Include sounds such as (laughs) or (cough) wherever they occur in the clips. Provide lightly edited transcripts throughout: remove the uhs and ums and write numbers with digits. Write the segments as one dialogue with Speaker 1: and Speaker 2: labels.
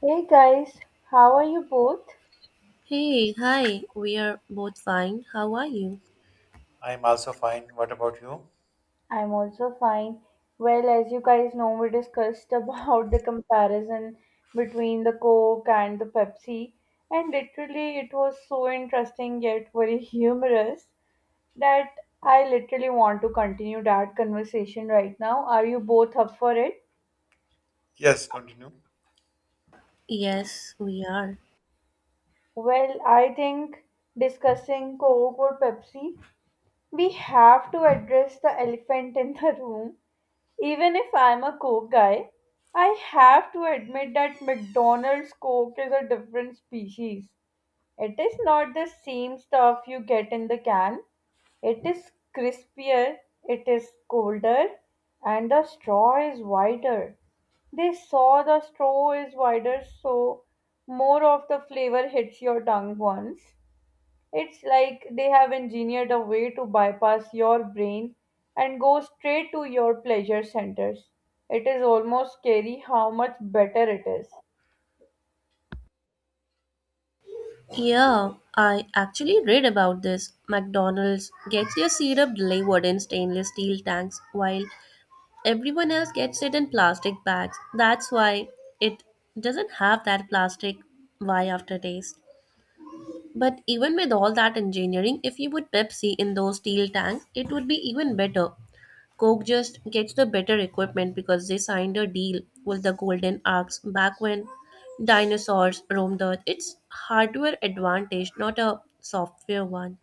Speaker 1: Hey guys, how are you both?
Speaker 2: Hey, hi, we are both fine. How are you?
Speaker 3: I'm also fine. What about you?
Speaker 1: I'm also fine. Well, as you guys know, we discussed (laughs) about the comparison between the Coke and the Pepsi, and literally it was so interesting yet very (laughs) humorous that I literally want to continue that conversation right now. Are you both up for it?
Speaker 3: Yes, continue.
Speaker 2: Yes, we are.
Speaker 1: Well, I think discussing Coke or Pepsi, we have to address the elephant in the (laughs) room. Even if I'm a Coke guy, I have to admit that McDonald's Coke is a different species. It is not the same stuff you get in the can. It is crispier, it is colder, and the straw is wider. They saw the straw is wider, so more of the flavor hits your tongue once. It's like they have engineered a way to bypass your brain and go straight to your pleasure centers. It is almost scary how much better it is.
Speaker 2: Yeah, I actually read about this. McDonald's gets their syrup delivered in stainless steel tanks while everyone else gets it in plastic bags. That's why it doesn't have that plastic why aftertaste. But even with all that engineering, if you put Pepsi in those steel tanks, it would be even better. Coke just gets the better equipment because they signed a deal with the Golden Axe back when dinosaurs roamed the earth. It's hardware advantage, not a software one.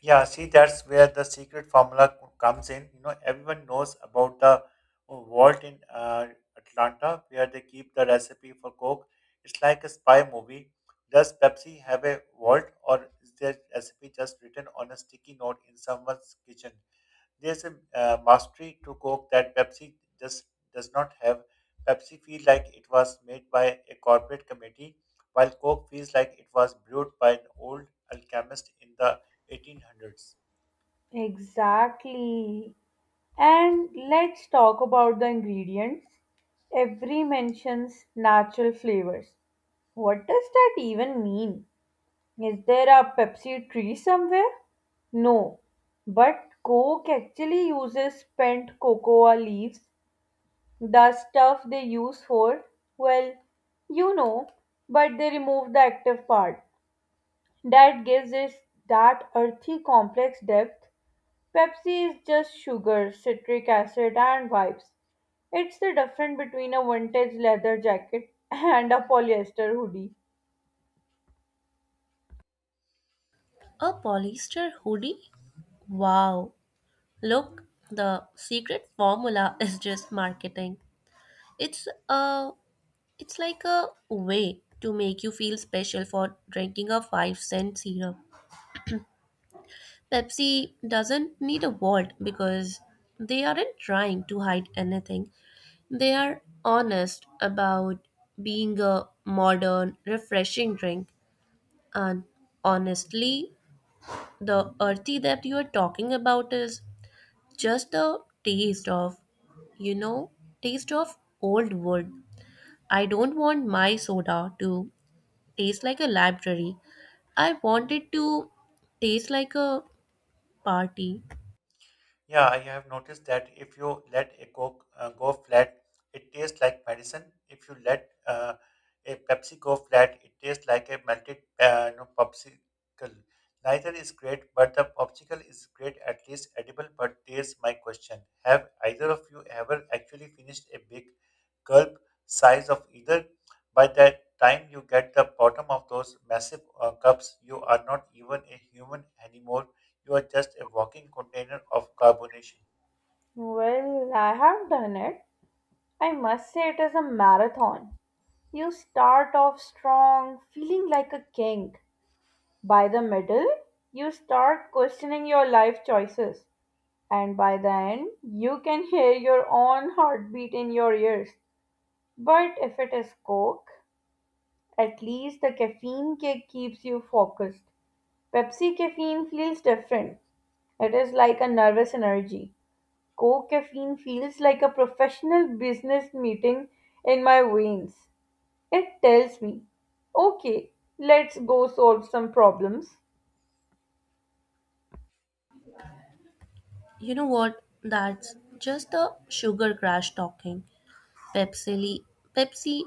Speaker 3: Yeah, see, that's where the secret formula comes in. You know, everyone knows about the vault in Atlanta where they keep the recipe for Coke. It's like a spy movie. Does Pepsi have a vault, or is their recipe just written on a sticky note in someone's kitchen? There's a mastery to Coke that Pepsi just does not have. Pepsi feels like it was made by a corporate committee, while Coke feels like it was brewed by an old alchemist in the 1800s.
Speaker 1: Exactly. And let's talk about the ingredients. Every mentions natural flavors. What does that even mean? Is there a Pepsi tree somewhere? No. But Coke actually uses spent cocoa leaves. The stuff they use for, well, you know, but they remove the active part. That gives it that earthy complex depth. Pepsi is just sugar, citric acid, and vibes. It's the difference between a vintage leather jacket (laughs) and a polyester hoodie.
Speaker 2: A polyester hoodie? Wow. Look, the secret formula (laughs) is just marketing. It's a it's like a way to make you feel special for drinking a 5 cent syrup. Pepsi doesn't need a vault because they aren't trying to hide anything. They are honest about being a modern, refreshing drink, and honestly, the earthy that you are talking about is just the taste of, you know, taste of old wood. I don't want my soda to taste like a library. I want it to taste like a party.
Speaker 3: Yeah, I have noticed that if you let a coke go flat, it tastes like medicine. If you let a Pepsi go flat, it tastes like a melted popsicle. Neither is great, but the popsicle is great, at least edible. But there's my question: Have either of you ever actually finished a big gulp size of either? By the time you get the bottom of those massive cups, you are not even a human anymore. You are just a walking container of carbonation.
Speaker 1: Well, I have done it. I must say it is a marathon. You start off strong, feeling like a king. By the middle, you start questioning your life choices, and by the end, you can hear your own heartbeat in your ears. But if it is Coke, at least the caffeine kick keeps you focused. Pepsi caffeine feels different. It is like a nervous energy. Coke caffeine feels like a professional business meeting in my veins. It tells me, okay, let's go solve some problems.
Speaker 2: You know what? That's just the sugar crash talking. Pepsi, Pepsi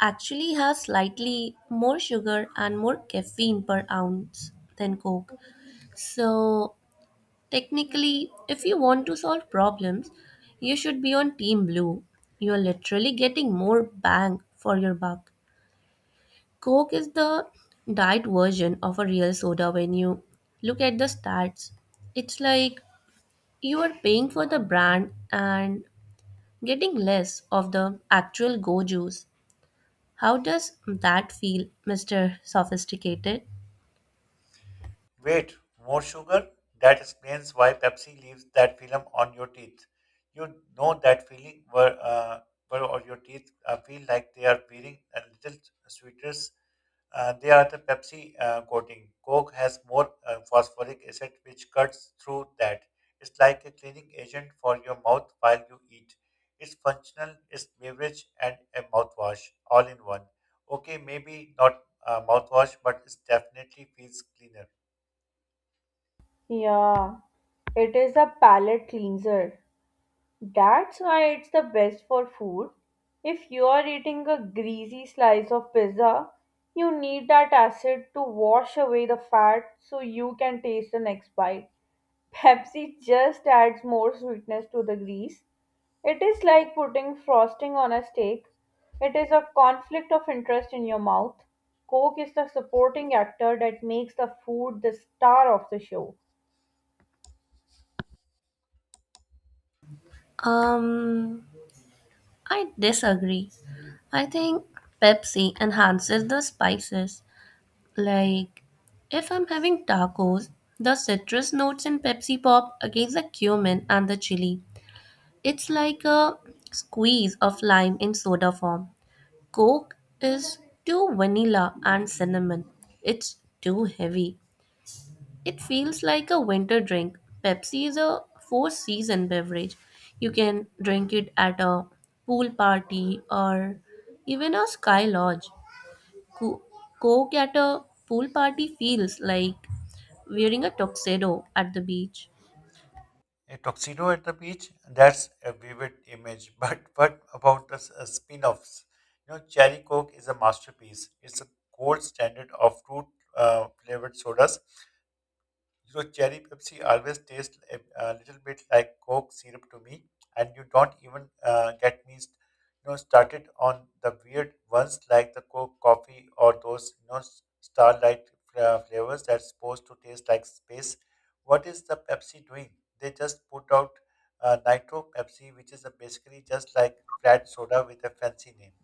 Speaker 2: actually has slightly more sugar and more caffeine per ounce than Coke. So, technically, if you want to solve problems, you should be on Team Blue. You are literally getting more bang for your buck. Coke is the diet version of a real soda when you look at the stats. It's like you are paying for the brand and getting less of the actual go juice. How does that feel, Mr. Sophisticated?
Speaker 3: Wait, more sugar? That explains why Pepsi leaves that film on your teeth. You know that feeling where, where all your teeth feel like they are peeling a little sweeter. They are the Pepsi coating. Coke has more phosphoric acid, which cuts through that. It's like a cleaning agent for your mouth while you eat. It's functional, it's beverage, and a mouthwash all in one. Okay, maybe not a mouthwash, but it definitely feels cleaner.
Speaker 1: Yeah. It is a palate cleanser. That's why it's the best for food. If you are eating a greasy slice of pizza, you need that acid to wash away the fat so you can taste the next bite. Pepsi just adds more sweetness to the grease. It is like putting frosting on a steak. It is a conflict of interest in your mouth. Coke is the supporting actor that makes the food the star of the show.
Speaker 2: Um, I disagree. I think Pepsi enhances the spices. Like, if I'm having tacos, the citrus notes in Pepsi Pop against the cumin and the chili. It's like a squeeze of lime in soda form. Coke is too vanilla and cinnamon. It's too heavy. It feels like a winter drink. Pepsi is a four season beverage. You can drink it at a pool party or even a sky lodge. Co- Coke at a pool party feels like wearing a tuxedo at the beach.
Speaker 3: A tuxedo at the beach, that's a vivid image. (laughs) But what about the s- spin offs? You know, Cherry Coke is a masterpiece. It's a gold standard of fruit flavored sodas. You cherry Pepsi always tastes a little bit like Coke syrup to me, and you don't even get me, you know, started on the weird ones like the Coke coffee or those, you know, starlight flavors that's supposed to taste like space. What is the Pepsi doing? They just put out Nitro Pepsi, which is basically just like flat soda with a fancy name.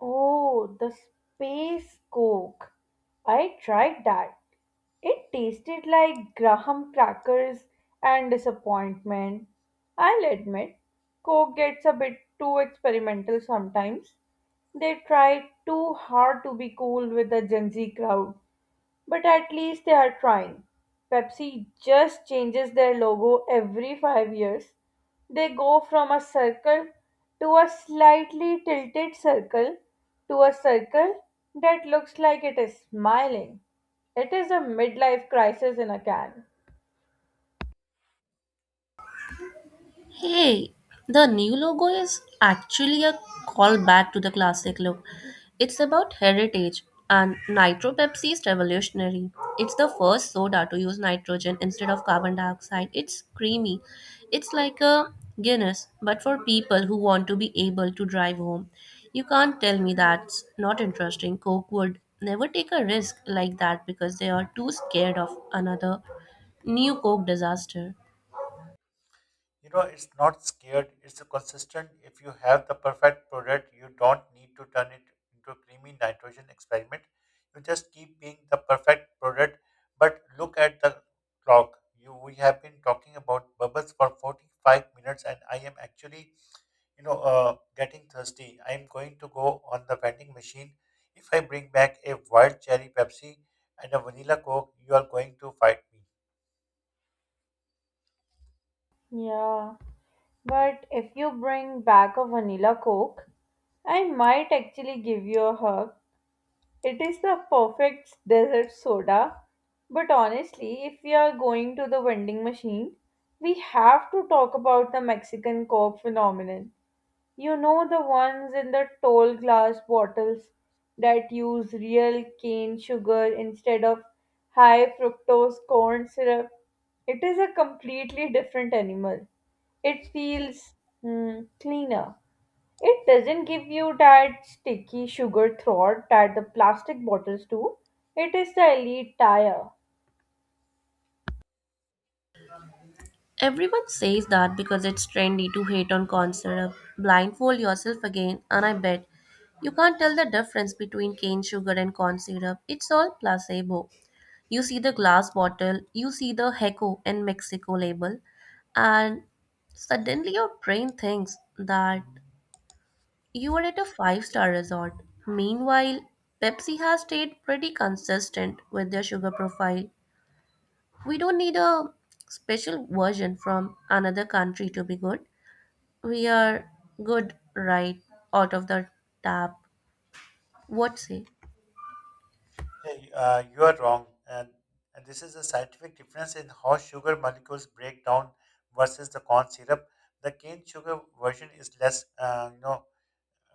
Speaker 1: Oh, the space coke. I tried that. It tasted like graham crackers and disappointment. I'll admit, coke gets a bit too experimental sometimes. They try too hard to be cool with the Gen Z crowd. But at least they are trying. Pepsi just changes their logo every 5 years. They go from a circle to a slightly tilted circle to a circle that looks like it is smiling. It is a midlife crisis in a can.
Speaker 2: Hey, the new logo is actually a callback to the classic look. It's about heritage, and Nitro Pepsi is revolutionary. It's the first soda to use nitrogen instead of carbon dioxide. It's creamy. It's like a Guinness, but for people who want to be able to drive home. You can't tell me that's not interesting. Coke would never take a risk like that because they are too scared of another new Coke disaster.
Speaker 3: You know, it's not scared, it's a consistent. If you have the perfect product, you don't need to turn it into a creamy nitrogen experiment. You just keep being the perfect product. But look at the clock. You We have been talking about bubbles for 45 minutes, and I am actually, getting thirsty. I am going to go on the vending machine. If I bring back a wild cherry Pepsi and a vanilla Coke, you are going to fight me.
Speaker 1: Yeah, but if you bring back a vanilla coke, I might actually give you a hug. It is the perfect desert soda, but honestly, if we are going to the vending machine, we have to talk about the Mexican Coke phenomenon. You know the ones in the tall glass bottles that use real cane sugar instead of high fructose corn syrup. It is a completely different animal. It feels cleaner. It doesn't give you that sticky sugar throat that the plastic bottles do. It is the elite tier.
Speaker 2: Everyone says that because it's trendy to hate on concert. Blindfold yourself again, and I bet you can't tell the difference between cane sugar and corn syrup. It's all placebo. You see the glass bottle, you see the Heco in Mexico label, and suddenly your brain thinks that you are at a five-star resort. Meanwhile, Pepsi has stayed pretty consistent with their sugar profile. We don't need a special version from another country to be good. We are good right out of the tap. What say?
Speaker 3: Yeah, you are wrong. And this is a scientific difference in how sugar molecules break down versus the corn syrup. The cane sugar version is less, uh, you know,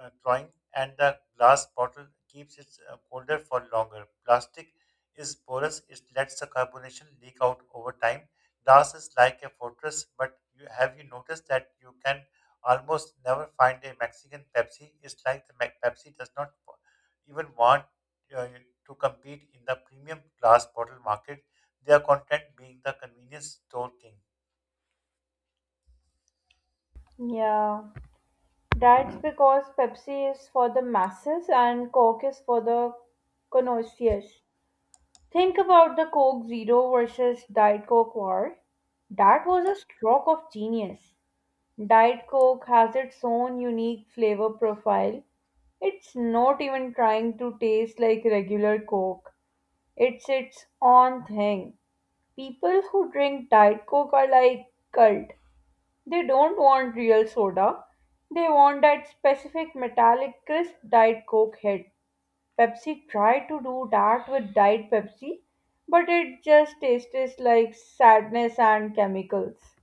Speaker 3: uh, drawing, and the glass bottle keeps it colder for longer. Plastic is porous, it lets the carbonation leak out over time. Glass is like a fortress, but have you noticed that you can almost never find a Mexican Pepsi? It's like the Pepsi does not even want uh, to compete in the premium glass bottle market. They are content being the convenience store king.
Speaker 1: Yeah, that's because Pepsi is for the masses and Coke is for the connoisseurs. Think about the Coke Zero versus Diet Coke war. That was a stroke of genius. Diet Coke has its own unique flavor profile. It's not even trying to taste like regular Coke. It's its own thing. People who drink Diet Coke are like cult. They don't want real soda. They want that specific metallic crisp Diet Coke hit. Pepsi tried to do that with Diet Pepsi, but it just tastes like sadness and chemicals.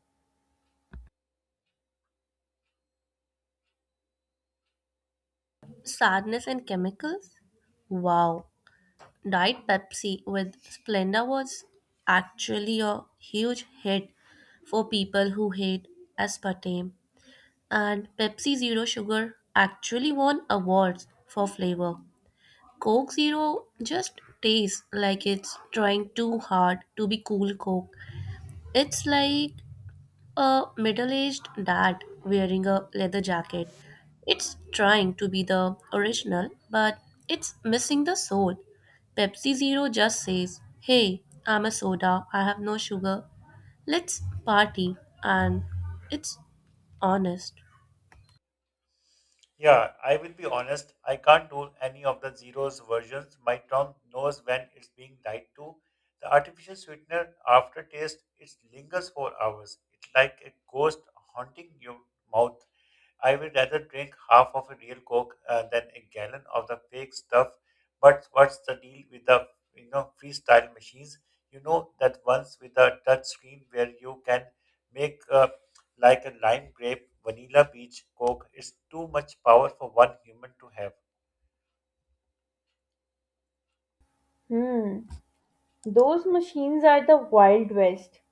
Speaker 2: Sadness and chemicals? Wow. Diet Pepsi with Splenda was actually a huge hit for people who hate aspartame. And Pepsi Zero Sugar actually won awards for flavor. Coke Zero just tastes like it's trying too hard to be cool Coke. It's like a middle aged dad wearing a leather jacket. It's trying to be the original, but it's missing the soul. Pepsi Zero just says, Hey, I'm a soda, I have no sugar. Let's party. And it's honest.
Speaker 3: Yeah, I will be honest. I can't do any of the zeros versions. My tongue knows when it's being lied to. The artificial sweetener aftertaste it lingers for hours. It's like a ghost haunting your mouth. I will rather drink half of a real Coke than a gallon of the fake stuff. But what's the deal with the freestyle machines? You know that ones with a touch screen where you can make like a lime grape vanilla peach Coke. It's too much power for one human to have.
Speaker 1: Hmm. Those machines are the Wild West.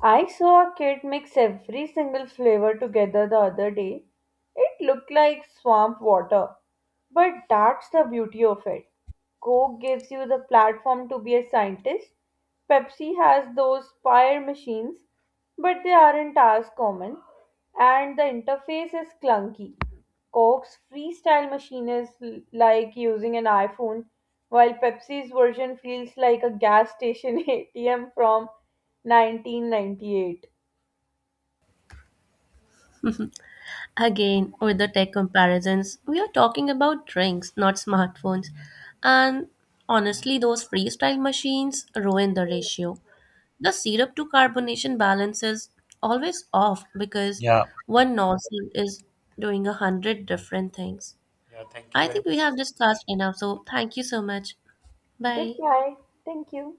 Speaker 1: I saw a kid mix every single flavor together the other day. It looked like swamp water. But that's the beauty of it. Coke gives you the platform to be a scientist. Pepsi has those fire machines, but they aren't as common, and the interface is clunky. Coke's freestyle machine is like using an iPhone, while Pepsi's version feels like a gas station (laughs) ATM from 1998.
Speaker 2: Again, with the tech comparisons, we are talking about drinks, not smartphones. And honestly, those freestyle machines ruin the ratio. The syrup to carbonation balance is always off because
Speaker 3: Yeah.
Speaker 2: one nozzle is doing 100 different things.
Speaker 3: Yeah, thank you
Speaker 2: I
Speaker 3: very
Speaker 2: think we
Speaker 3: much.
Speaker 2: have discussed enough, so thank you so much. Bye.
Speaker 1: Goodbye. Thank you.